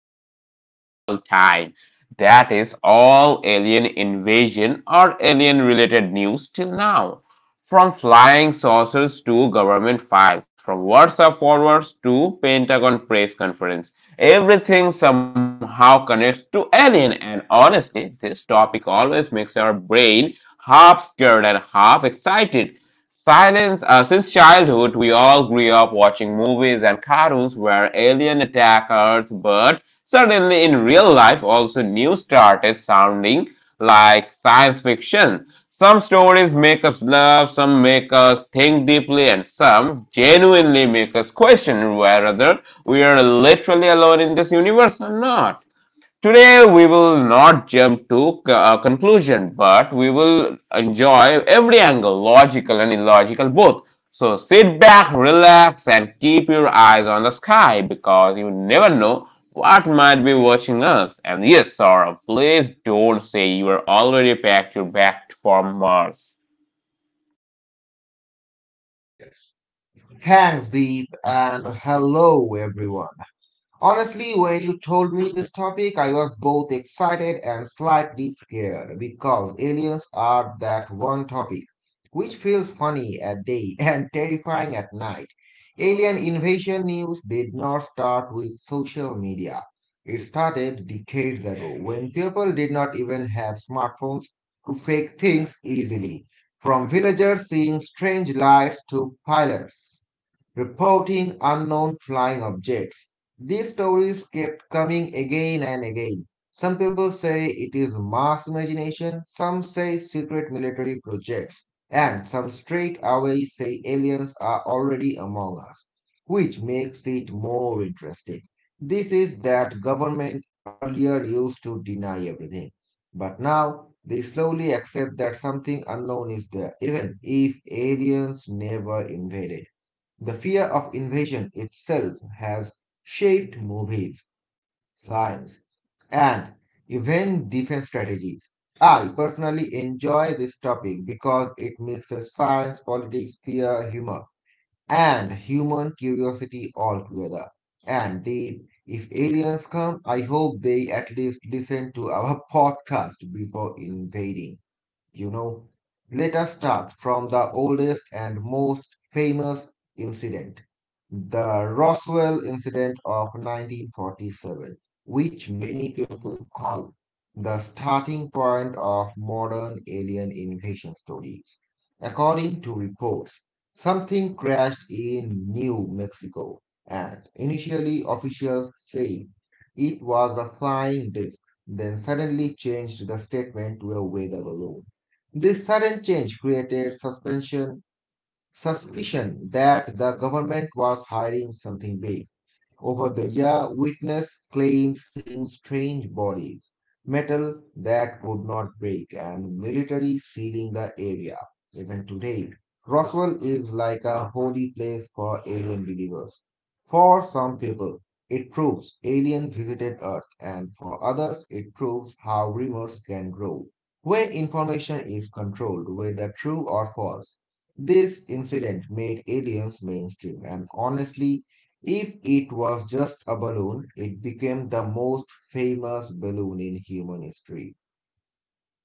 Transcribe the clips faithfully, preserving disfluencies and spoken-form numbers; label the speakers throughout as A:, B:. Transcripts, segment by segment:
A: topic of all time. That is all alien invasion or alien-related news till now, from flying saucers to government files, from WhatsApp forwards to Pentagon press conference. Everything somehow connects to alien, and honestly, this topic always makes our brain half scared and half excited. Silence, uh, since childhood, we all grew up watching movies and cartoons where alien attack Earth, but suddenly in real life, also news started sounding like science fiction. Some stories make us laugh, some make us think deeply, and some genuinely make us question whether we are literally alone in this universe or not. Today, we will not jump to a conclusion, but we will enjoy every angle, logical and illogical both. So sit back, relax, and keep your eyes on the sky because you never know what might be watching us. And yes, Saurabh, please don't say you are already packed your bag for Mars.
B: Thanks, Deep, and hello, everyone. Honestly, when you told me this topic, I was both excited and slightly scared because aliens are that one topic which feels funny at day and terrifying at night. Alien invasion news did not start with social media. It started decades ago when people did not even have smartphones to fake things easily. From villagers seeing strange lights to pilots reporting unknown flying objects. These stories kept coming again and again. Some people say it is mass imagination, some say secret military projects, and some straight away say aliens are already among us, which makes it more interesting. This is that government earlier used to deny everything, but now they slowly accept that something unknown is there, even if aliens never invaded. The fear of invasion itself has shaped movies, science, and even defense strategies. I personally enjoy this topic because it mixes science, politics, fear, humor, and human curiosity all together. And the, if aliens come, I hope they at least listen to our podcast before invading. You know, Let us start from the oldest and most famous incident, the Roswell incident of nineteen forty-seven, which many people call the starting point of modern alien invasion stories. According to reports, something crashed in New Mexico, and initially officials say it was a flying disc, then suddenly changed the statement to a weather balloon. This sudden change created suspension, suspicion that the government was hiding something big. Over the year, witness claimed seeing strange bodies, metal that could not break, and military sealing the area. Even today, Roswell is like a holy place for alien believers. For some people, it proves aliens visited Earth, and for others, it proves how rumors can grow. Where information is controlled, whether true or false, this incident made aliens mainstream, and honestly, if it was just a balloon, it became the most famous balloon in human history.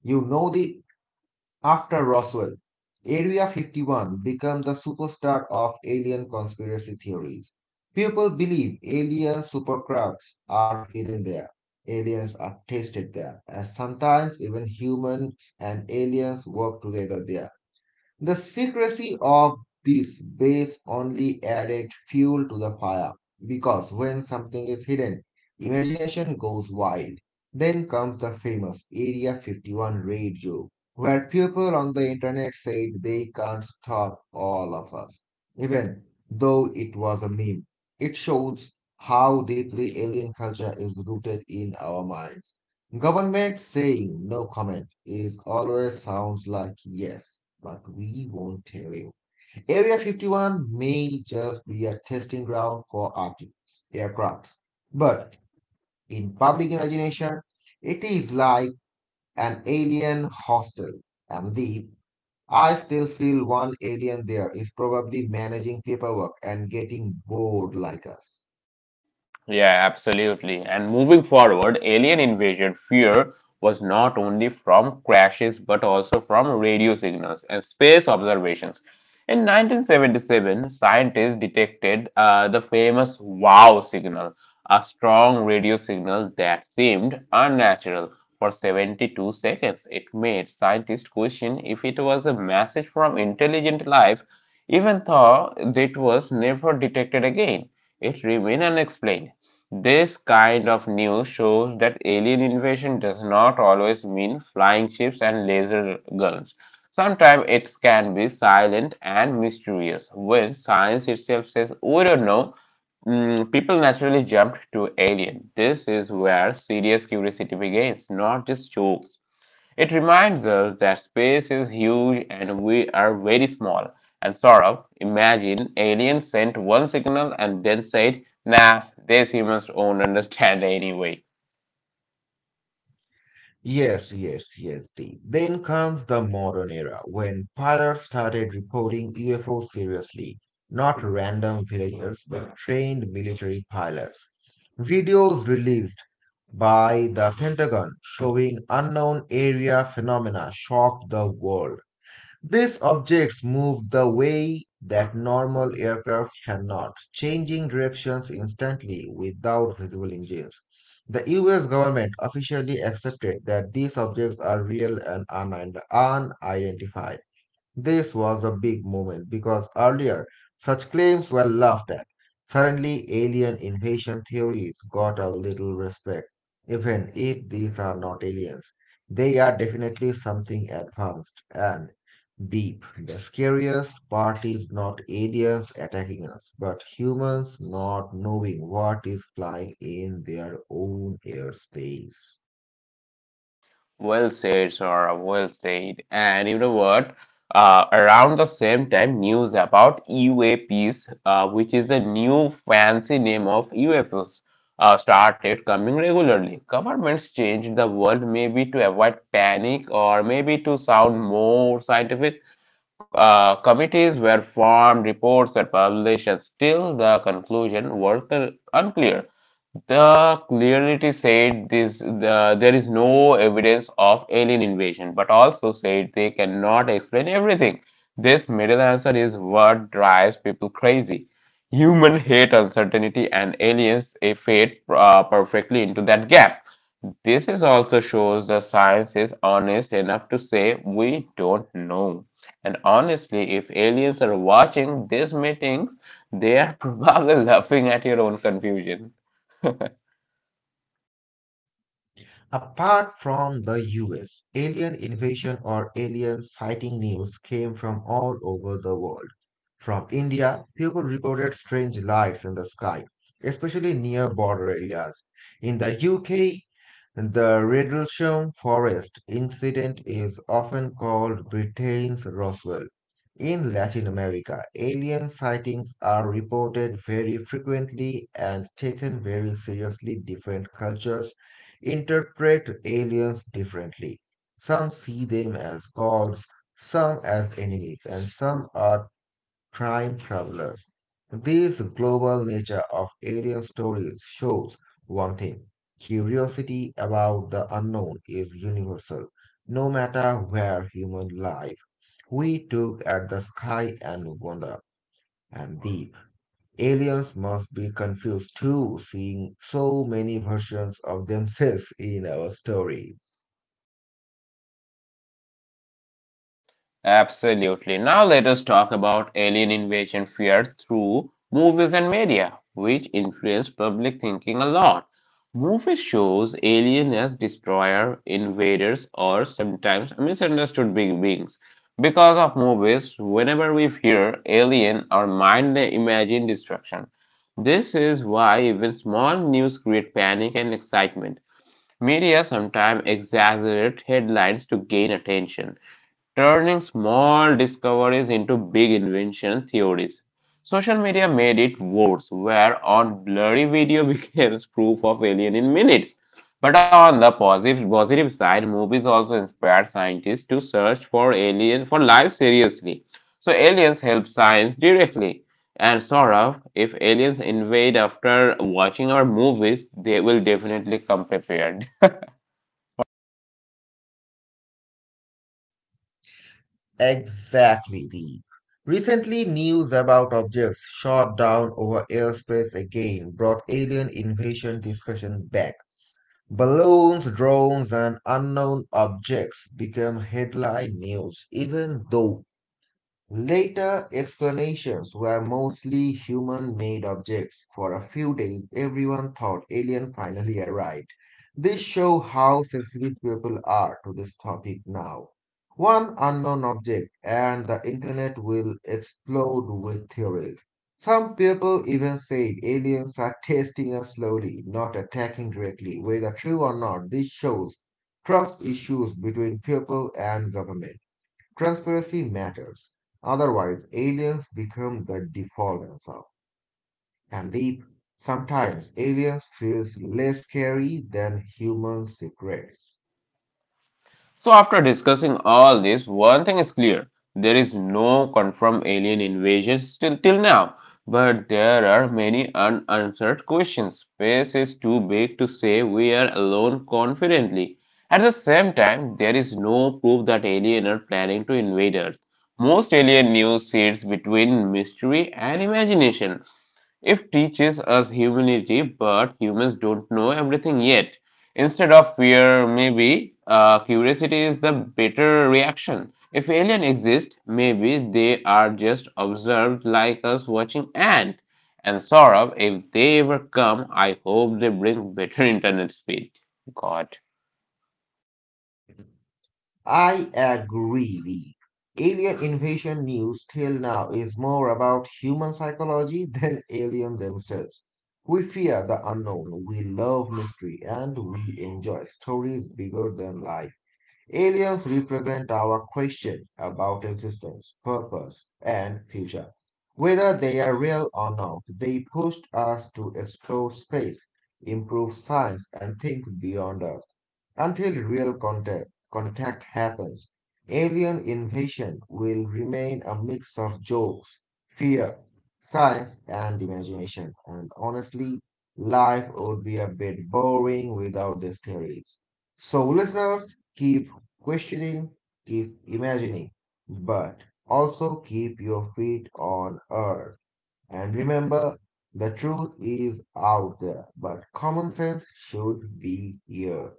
B: You know the After Roswell, Area fifty-one became the superstar of alien conspiracy theories. People believe alien supercrafts are hidden there. Aliens are tested there, and sometimes even humans and aliens work together there. The secrecy of this base only added fuel to the fire because when something is hidden, imagination goes wild. Then comes the famous Area fifty-one raid joke, where people on the internet said they can't stop all of us, even though it was a meme. It shows how deeply alien culture is rooted in our minds. Government saying no comment is always sounds like yes, but we won't tell you. Area fifty-one may just be a testing ground for Arctic aircrafts, but in public imagination, it is like an alien hostel. And the I still feel one alien there is probably managing paperwork and getting bored like us.
A: Yeah, absolutely. And moving forward, alien invasion fear was not only from crashes but also from radio signals and space observations. In nineteen seventy-seven, scientists detected uh, the famous WOW signal, a strong radio signal that seemed unnatural for seventy-two seconds. It made scientists question if it was a message from intelligent life, even though it was never detected again. It remained unexplained. This kind of news shows that alien invasion does not always mean flying ships and laser guns. Sometimes it can be silent and mysterious. When science itself says, we don't know, mm, people naturally jump to alien. This is where serious curiosity begins, not just jokes. It reminds us that space is huge and we are very small. And sort of imagine aliens sent one signal and then said, nah, these humans don't understand anyway.
B: Yes, yes, yes, Dave. Then comes the modern era when pilots started reporting U F O seriously, not random villagers, but trained military pilots. Videos released by the Pentagon showing unknown area phenomena shocked the world. These objects move the way that normal aircraft cannot, changing directions instantly without visible engines. The U S government officially accepted that these objects are real and unid- unidentified. This was a big moment because earlier such claims were laughed at. Suddenly, alien invasion theories got a little respect, even if these are not aliens. They are definitely something advanced and deep. The scariest part is not aliens attacking us, but humans not knowing what is flying in their own airspace.
A: Well said, Saurabh. Well said. And you know what? Uh, around the same time, news about U A Ps, uh, which is the new fancy name of U F Os, uh, started coming regularly. Governments changed the word maybe to avoid panic or maybe to sound more scientific. Uh, committees were formed, reports were published, and still the conclusion was uh, unclear. The clarity said this, the, there is no evidence of alien invasion, but also said they cannot explain everything. This middle answer is what drives people crazy. Human hate uncertainty and aliens eh, fit uh, perfectly into that gap. This is also shows the science is honest enough to say we don't know. And honestly, if aliens are watching these meetings, they are probably laughing at your own confusion.
B: Apart from the U S, alien invasion or alien sighting news came from all over the world. From India, people reported strange lights in the sky, especially near border areas. In the U K, the Rendlesham Forest incident is often called Britain's Roswell. In Latin America, alien sightings are reported very frequently and taken very seriously. Different cultures interpret aliens differently. Some see them as gods, some as enemies, and some are time travelers. This global nature of alien stories shows one thing curiosity about the unknown is universal. No matter where human life, we look at the sky and wonder and deep. Aliens must be confused too, seeing so many versions of themselves in our stories.
A: Absolutely. Now let us talk about alien invasion fear through movies and media, which influence public thinking a lot. Movies shows aliens as destroyer, invaders, or sometimes misunderstood big beings. Because of movies, whenever we hear alien, our mind imagine destruction. This is why even small news create panic and excitement. Media sometimes exaggerate headlines to gain attention turning small discoveries into big invention theories. Social media made it worse, where on blurry video becomes proof of alien in minutes. But on the positive, positive side, movies also inspired scientists to search for alien for life seriously. So aliens help science directly. And Saurav, if aliens invade after watching our movies, they will definitely come prepared.
B: Exactly, Deep. Recently, news about objects shot down over airspace again brought alien invasion discussion back. Balloons, drones, and unknown objects became headline news, even though later explanations were mostly human-made objects. For a few days, everyone thought alien finally arrived. This shows how sensitive people are to this topic now. One unknown object and the internet will explode with theories. Some people even said aliens are testing us slowly, not attacking directly. Whether true or not, this shows trust issues between people and government. Transparency matters. Otherwise, aliens become the default answer. And deep, sometimes aliens feels less scary than human secrets.
A: So, after discussing all this, one thing is clear there is no confirmed alien invasion still till now, but there are many unanswered questions. Space is too big to say we are alone confidently. At the same time, there is no proof that aliens are planning to invade Earth. Most alien news sits between mystery and imagination. If teaches us humility, but humans don't know everything yet. Instead of fear, maybe uh, curiosity is the better reaction. If alien exist, maybe they are just observed like us watching ant. And Saurabh, if they ever come, I hope they bring better internet speed. God.
B: I agree, Deep. Alien invasion news till now is more about human psychology than alien themselves. We fear the unknown, we love mystery, and we enjoy stories bigger than life. Aliens represent our question about existence, purpose, and future. Whether they are real or not, they pushed us to explore space, improve science, and think beyond Earth. Until real contact, contact happens, Alien Invasion will remain a mix of jokes, fear, science, and imagination. And honestly, life would be a bit boring without these theories. So, listeners, keep questioning, keep imagining, but also keep your feet on earth. And remember, the truth is out there, but common sense should be here.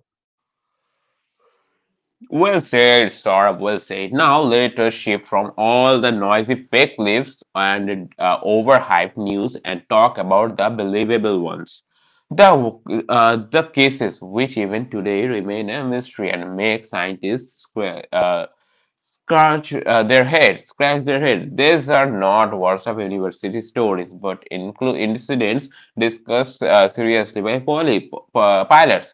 A: Well said, Saurabh, well said. Now let us shift from all the noisy fake clips and uh, overhyped news and talk about the believable ones. The, uh, the cases which even today remain a mystery and make scientists square, uh, scratch uh, their heads, scratch their head. These are not Warsaw University stories, but include incidents discussed uh, seriously by poly, p- pilots.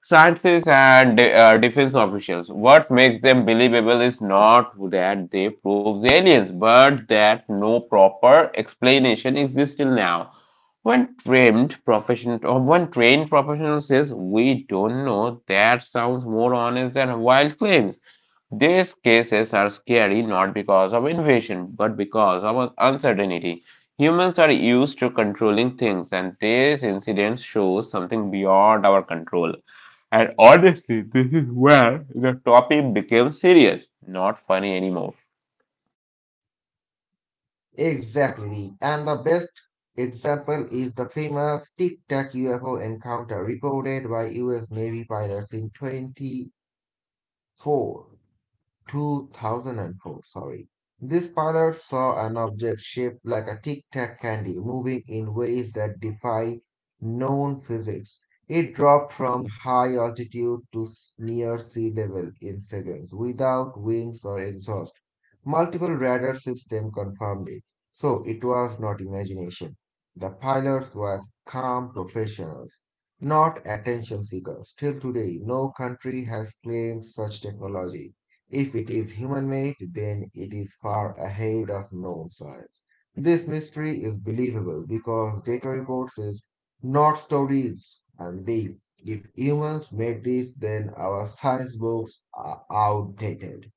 A: Scientists and de- uh, defense officials. What makes them believable is not that they prove the aliens, but that no proper explanation exists till now. When trained professional or when trained professional says we don't know, that sounds more honest than wild claims. These cases are scary not because of invasion, but because of uncertainty. Humans are used to controlling things, and this incident shows something beyond our control. And honestly, this is where the topic became serious, not funny anymore.
B: Exactly. And the best example is the famous Tic Tac U F O encounter reported by U S Navy pilots in twenty-four. two thousand four, sorry. This pilot saw an object shaped like a tic tac candy moving in ways that defy known physics. It dropped from high altitude to near sea level in seconds without wings or exhaust. Multiple radar systems confirmed it, so it was not imagination. The pilots were calm professionals, not attention seekers. Till today, no country has claimed such technology. If it is human made, then it is far ahead of known science. This mystery is believable because data reports is not stories and deep. If humans made this, then our science books are outdated.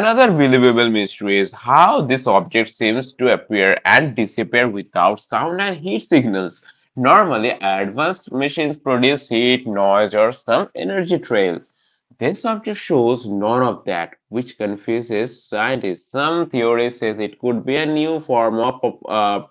A: Another believable mystery is how this object seems to appear and disappear without sound and heat signals. Normally, advanced machines produce heat, noise, or some energy trail. This object shows none of that, which confuses scientists. Some theory says it could be a new form of uh,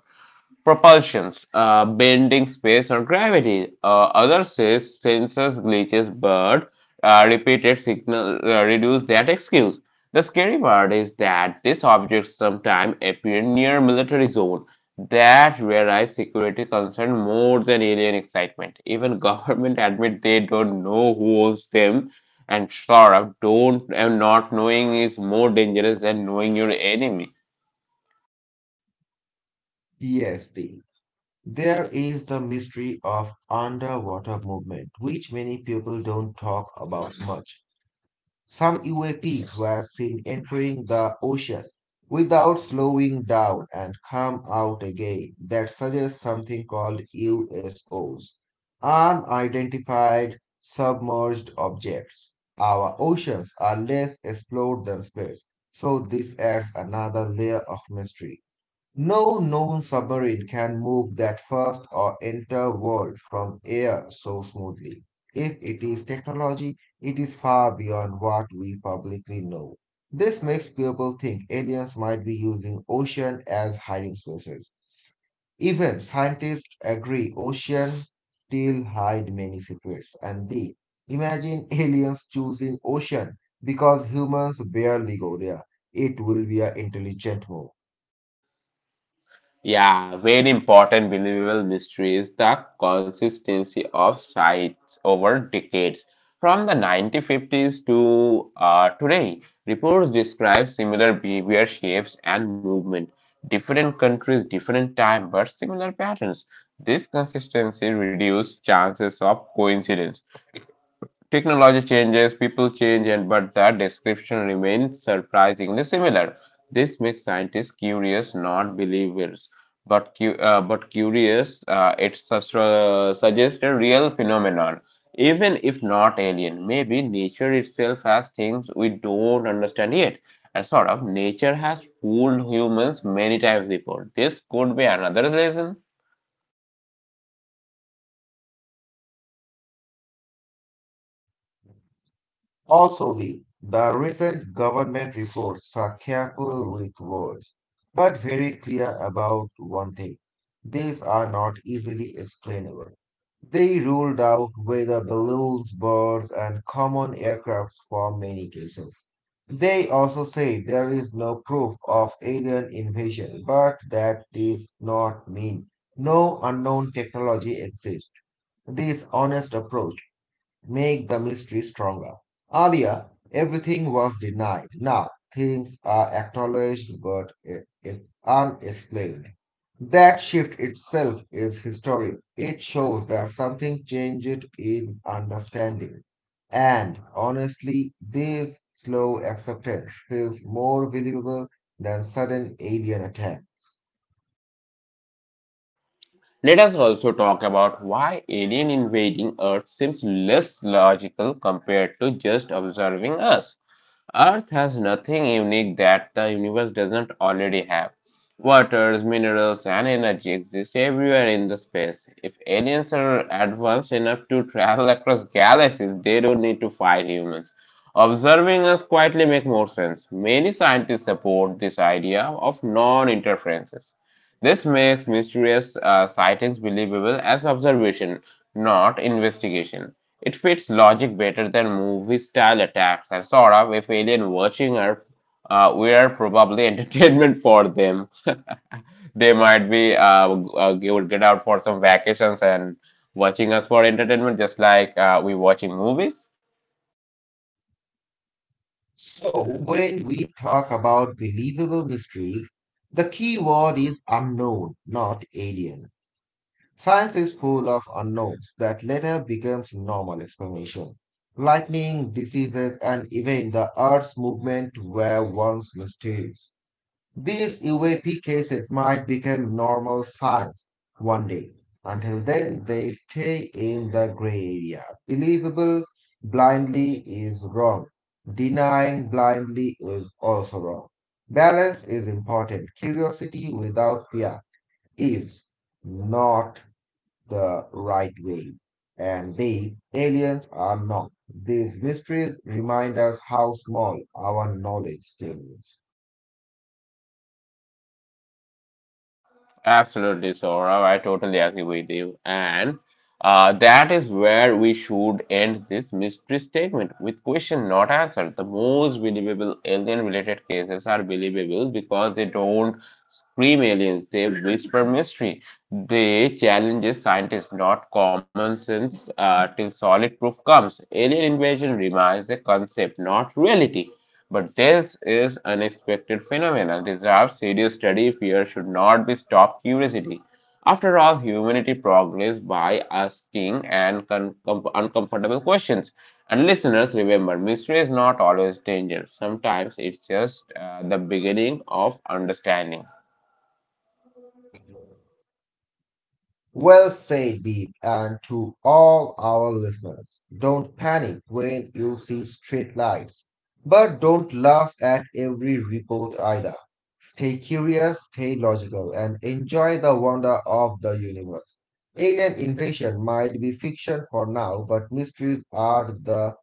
A: propulsions, uh, bending space or gravity. Uh, others say sensors glitches, but uh, repeated signal uh, reduce that excuse. The scary part is that these objects sometimes appear near military zone. That realize security concern more than alien excitement. Even government admit they don't know who owns them, and sure, don't and not knowing is more dangerous than knowing your enemy.
B: P S D. There is the mystery of underwater movement, which many people don't talk about much. Some U A Ps were seen entering the ocean without slowing down and come out again. That suggests something called U S Os, unidentified submerged objects. Our oceans are less explored than space, so this adds another layer of mystery. No known submarine can move that first or enter world from air so smoothly. If it is technology, it is far beyond what we publicly know. This makes people think aliens might be using ocean as hiding spaces. Even scientists agree ocean still hide many secrets. And B, imagine aliens choosing ocean because humans barely go there. It will be an intelligent move.
A: Yeah, very important believable mystery is the consistency of sites over decades. From the nineteen fifties to uh, today, reports describe similar behavior shapes and movement. Different countries, different time, but similar patterns. This consistency reduces chances of coincidence. Technology changes, people change, and but that description remains surprisingly similar. This makes scientists curious, not believers. But cu- uh, but curious, uh, it sus- uh, suggests a real phenomenon, even if not alien. Maybe nature itself has things we don't understand yet. And sort of, nature has fooled humans many times before. This could be another lesson.
B: Also, Lee, the recent government reforms are careful with words, but very clear about one thing. These are not easily explainable. They ruled out weather balloons, birds, and common aircrafts for many cases. They also say there is no proof of alien invasion, but that does not mean no unknown technology exists. This honest approach make the mystery stronger. Earlier, everything was denied. Now, things are acknowledged but eh, eh, unexplained. That shift itself is historic. It shows that something changed in understanding. And honestly, this slow acceptance feels more believable than sudden alien attacks.
A: Let us also talk about why alien invading Earth seems less logical compared to just observing us. Earth has nothing unique that the universe doesn't already have. Waters, minerals, and energy exist everywhere in the space. If aliens are advanced enough to travel across galaxies, they don't need to fight humans. Observing us quietly makes more sense. Many scientists support this idea of non-interferences. This makes mysterious uh, sightings believable as observation, not investigation. It fits logic better than movie style attacks, and sort of if alien watching are uh, we are probably entertainment for them. They might be uh, uh, you would get out for some vacations and watching us for entertainment, just like uh, we watching movies.
B: So, when we talk about believable mysteries, the key word is unknown, not alien. Science is full of unknowns that later becomes normal explanation. Lightning, diseases, and even the Earth's movement were once mysterious. These U A P cases might become normal science one day. Until then, they stay in the gray area. Believable blindly is wrong. Denying blindly is also wrong. Balance is important. Curiosity without fear is not the right way. And they, aliens, are not. These mysteries remind us how small our knowledge still is.
A: Absolutely, Saurav. I totally agree with you. And uh, that is where we should end this mystery statement with question not answered. The most believable alien related cases are believable because they don't scream aliens, they whisper mystery. They challenges scientists, not common sense, uh, till solid proof comes. Alien invasion remains a concept, not reality. But this is unexpected phenomena deserves serious study. Fear should not be stopped curiosity. After all, humanity progresses by asking and uncomfortable questions. And listeners, remember, mystery is not always danger. Sometimes it's just uh, the beginning of understanding.
B: Well said, Deep, and to all our listeners, don't panic when you see street lights, but don't laugh at every report either. Stay curious, stay logical, and enjoy the wonder of the universe. Alien invasion might be fiction for now, but mysteries are the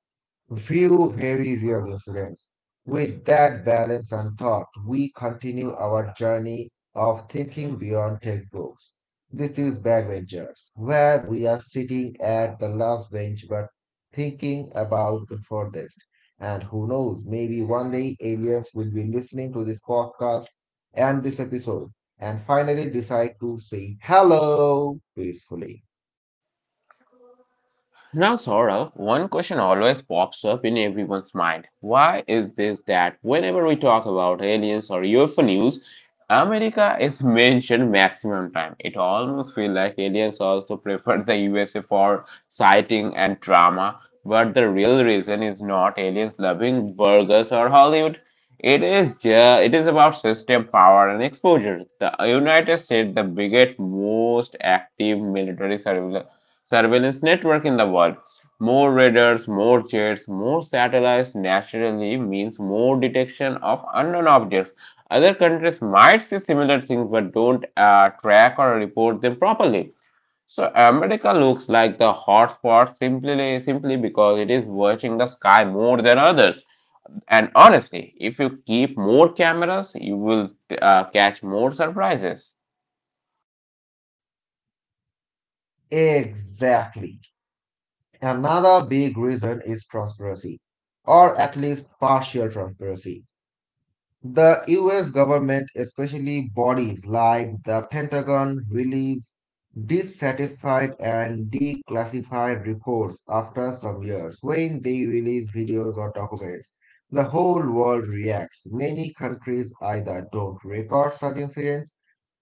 B: few very real incidents. With that balance and thought, we continue our journey of thinking beyond textbooks. This is Backbenchers, where we are sitting at the last bench but thinking about the furthest. And who knows, maybe one day aliens will be listening to this podcast and this episode and finally decide to say hello peacefully.
A: Now, Saurabh, one question always pops up in everyone's mind. Why is this that whenever we talk about aliens or U F O news, America is mentioned maximum time? It almost feels like aliens also prefer the U S A for sighting and drama, but the real reason is not aliens loving burgers or Hollywood. It is ju- it is about system power and exposure. The United States, the biggest, most active military surveillance surveillance network in the world. More radars, more jets, more satellites naturally means more detection of unknown objects. Other countries might see similar things but don't uh, track or report them properly. So America looks like the hotspot simply simply because it is watching the sky more than others. And honestly, if you keep more cameras, you will uh, catch more surprises.
B: Exactly. Another big reason is transparency, or at least partial transparency. The U S government, especially bodies like the Pentagon, released dissatisfied and declassified reports after some years. When they release videos or documents, the whole world reacts. Many countries either don't record such incidents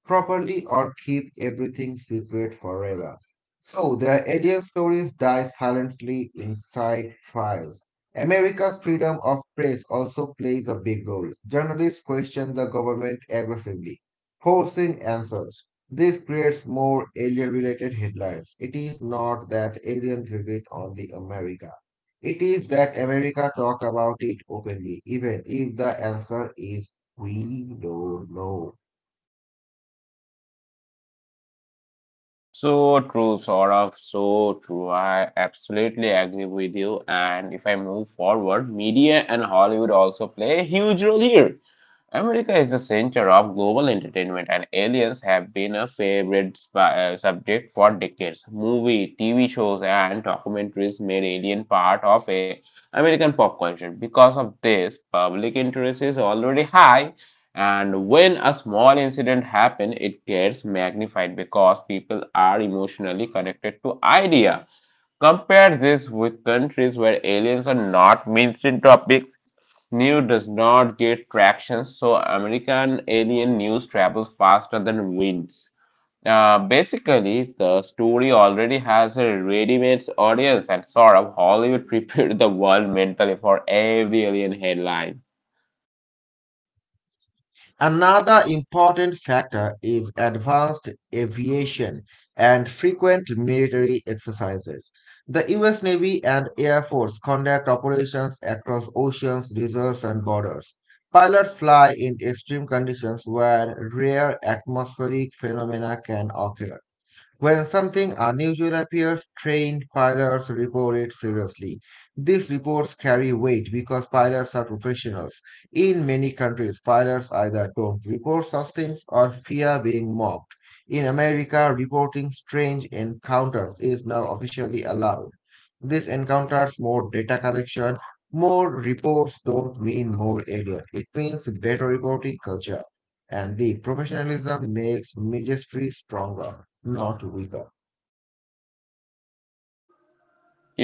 B: properly or keep everything secret forever. So the alien stories die silently inside files. America's freedom of press also plays a big role. Journalists question the government aggressively, forcing answers. This creates more alien-related headlines. It is not that alien visit only America. It is that America talk about it openly, even if the answer is we don't know.
A: So true, Saurabh. So true. I absolutely agree with you. And if I move forward, media and Hollywood also play a huge role here. America is the center of global entertainment, and aliens have been a favorite sp- uh, subject for decades. Movie, T V shows, and documentaries made alien part of a American pop culture. Because of this, public interest is already high, and when a small incident happens, it gets magnified because people are emotionally connected to idea. Compare this with countries where aliens are not mainstream topics New does not get traction, so American Alien news travels faster than winds. Uh, basically, the story already has a ready-made audience, and sort of Hollywood prepared the world mentally for every alien headline.
B: Another important factor is advanced aviation and frequent military exercises. The U S Navy and Air Force conduct operations across oceans, deserts, and borders. Pilots fly in extreme conditions where rare atmospheric phenomena can occur. When something unusual appears, trained pilots report it seriously. These reports carry weight because pilots are professionals. In many countries, pilots either don't report such things or fear being mocked. In America, reporting strange encounters is now officially allowed. This encounters more data collection. More reports don't mean more alien. It means better reporting culture and the professionalism makes ministry stronger, not weaker.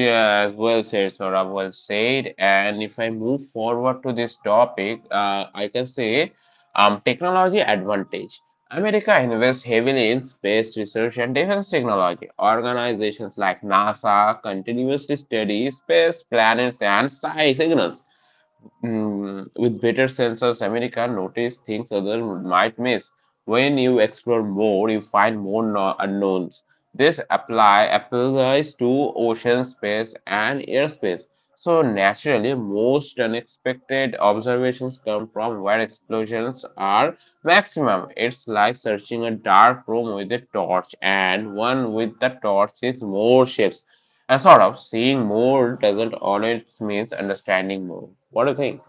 A: Yeah, as well said, Saurabh, well said. And if I move forward to this topic, uh, I can say um, technology advantage. America invests heavily in space research and defense technology. Organizations like NASA continuously study space, planets, and sci- signals. Mm, with better sensors, America notice things others might miss. When you explore more, you find more no- unknowns. This apply applies to ocean space and airspace. So naturally, most unexpected observations come from where explosions are maximum. It's like searching a dark room with a torch, and one with the torch is more shapes. And sort of seeing more doesn't always means understanding more. What do you think?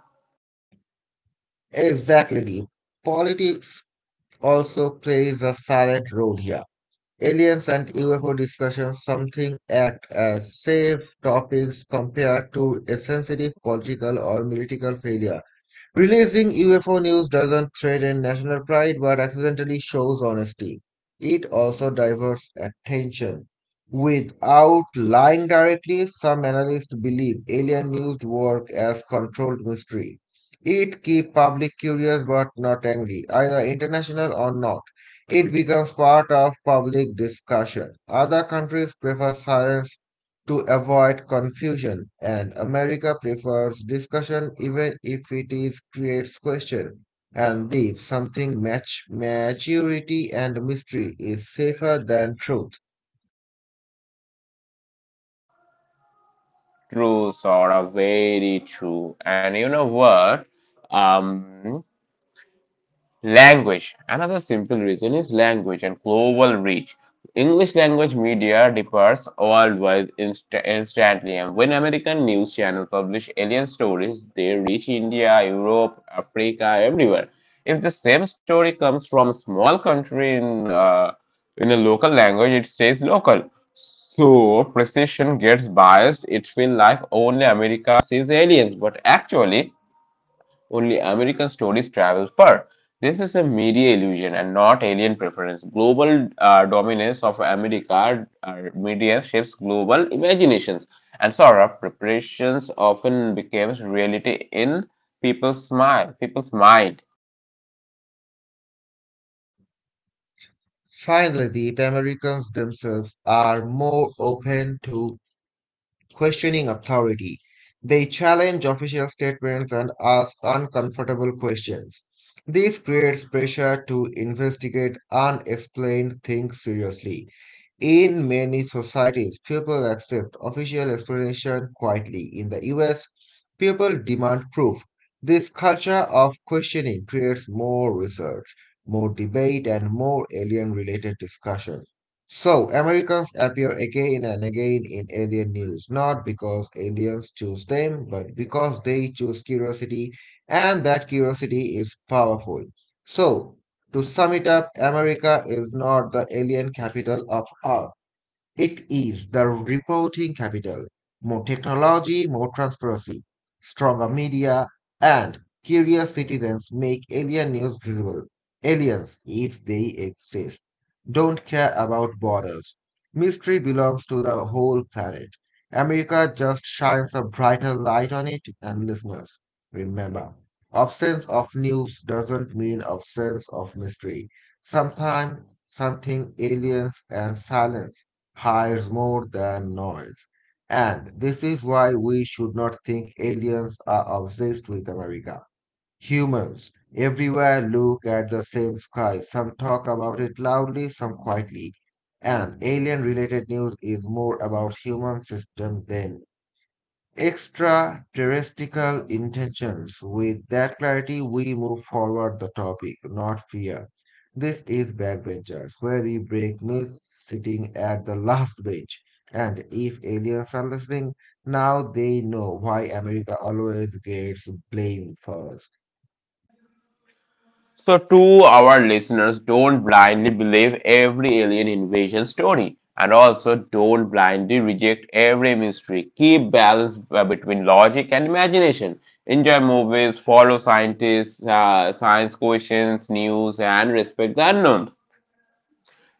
B: Exactly, Politics also plays a silent role here. Aliens and U F O discussions something act as safe topics compared to a sensitive political or military failure. Releasing U F O news doesn't threaten national pride but accidentally shows honesty. It also diverts attention. Without lying directly, some analysts believe alien news work as controlled mystery. It keeps public curious but not angry, either international or not. It becomes part of public discussion. Other countries prefer silence to avoid confusion, and America prefers discussion even if it is creates question and deep something match maturity and mystery is safer than truth.
A: True, sort of very true. And you know what? Um, Language. Another simple reason is language and global reach. English language media differs worldwide inst- instantly, and when American news channels publish alien stories, they reach India, Europe, Africa, everywhere. If the same story comes from a small country in uh, in a local language, it stays local. So precision gets biased. It feels like only America sees aliens, but actually only American stories travel far. This is a media illusion and not alien preference. Global uh, dominance of America uh, media shapes global imaginations. And Saurabh, preparations often becomes reality in people's mind. People's mind.
B: Finally, the Americans themselves are more open to questioning authority. They challenge official statements and ask uncomfortable questions. This creates pressure to investigate unexplained things seriously. In many societies, people accept official explanation quietly. In the U S, people demand proof. This culture of questioning creates more research, more debate, and more alien related discussions. So, Americans appear again and again in alien news, not because aliens choose them, but because they choose curiosity, and that curiosity is powerful. So, to sum it up, America is not the alien capital of art. It is the reporting capital. More technology, more transparency, stronger media, and curious citizens make alien news visible. Aliens, if they exist, don't care about borders. Mystery belongs to the whole planet. America just shines a brighter light on it, and listeners, remember, absence of news doesn't mean absence of mystery. Sometimes something aliens and silence hires more than noise. And this is why we should not think aliens are obsessed with America. Humans everywhere look at the same sky. Some talk about it loudly, some quietly. And alien related news is more about human system than extraterrestrial intentions. With that clarity, we move forward the topic, not fear. This is Backbenchers, where we break myths sitting at the last bench. And if aliens are listening, now they know why America always gets blamed first.
A: So, to our listeners, don't blindly believe every alien invasion story and also don't blindly reject every mystery. Keep balance uh, between logic and imagination. Enjoy movies, follow scientists, uh, science questions, news, and respect the unknown.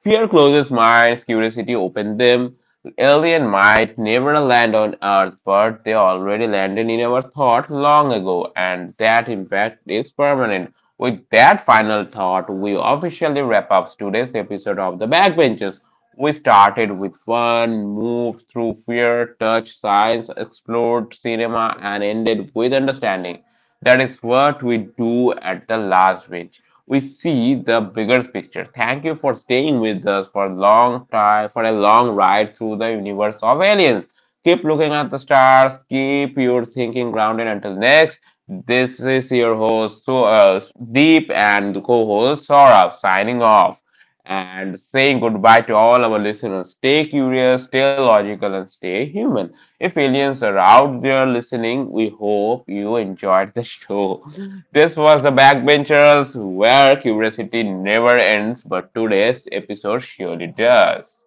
A: Fear closes minds, curiosity opens them. Alien might never land on Earth, but they already landed in our thought long ago, and that impact is permanent. With that final thought, we officially wrap up today's episode of The Backbenchers. We started with fun, moved through fear, touched science, explored cinema, and ended with understanding. That is what we do at the last bench. We see the bigger picture. Thank you for staying with us for a long time, for a long ride through the universe of aliens. Keep looking at the stars. Keep your thinking grounded. Until next, this is your host, so uh, Deep, and co-host Saurabh signing off and saying goodbye to all our listeners. Stay curious, stay logical, and stay human. If aliens are out there listening, we hope you enjoyed the show. This was the Backbenchers, where curiosity never ends, but today's episode surely does.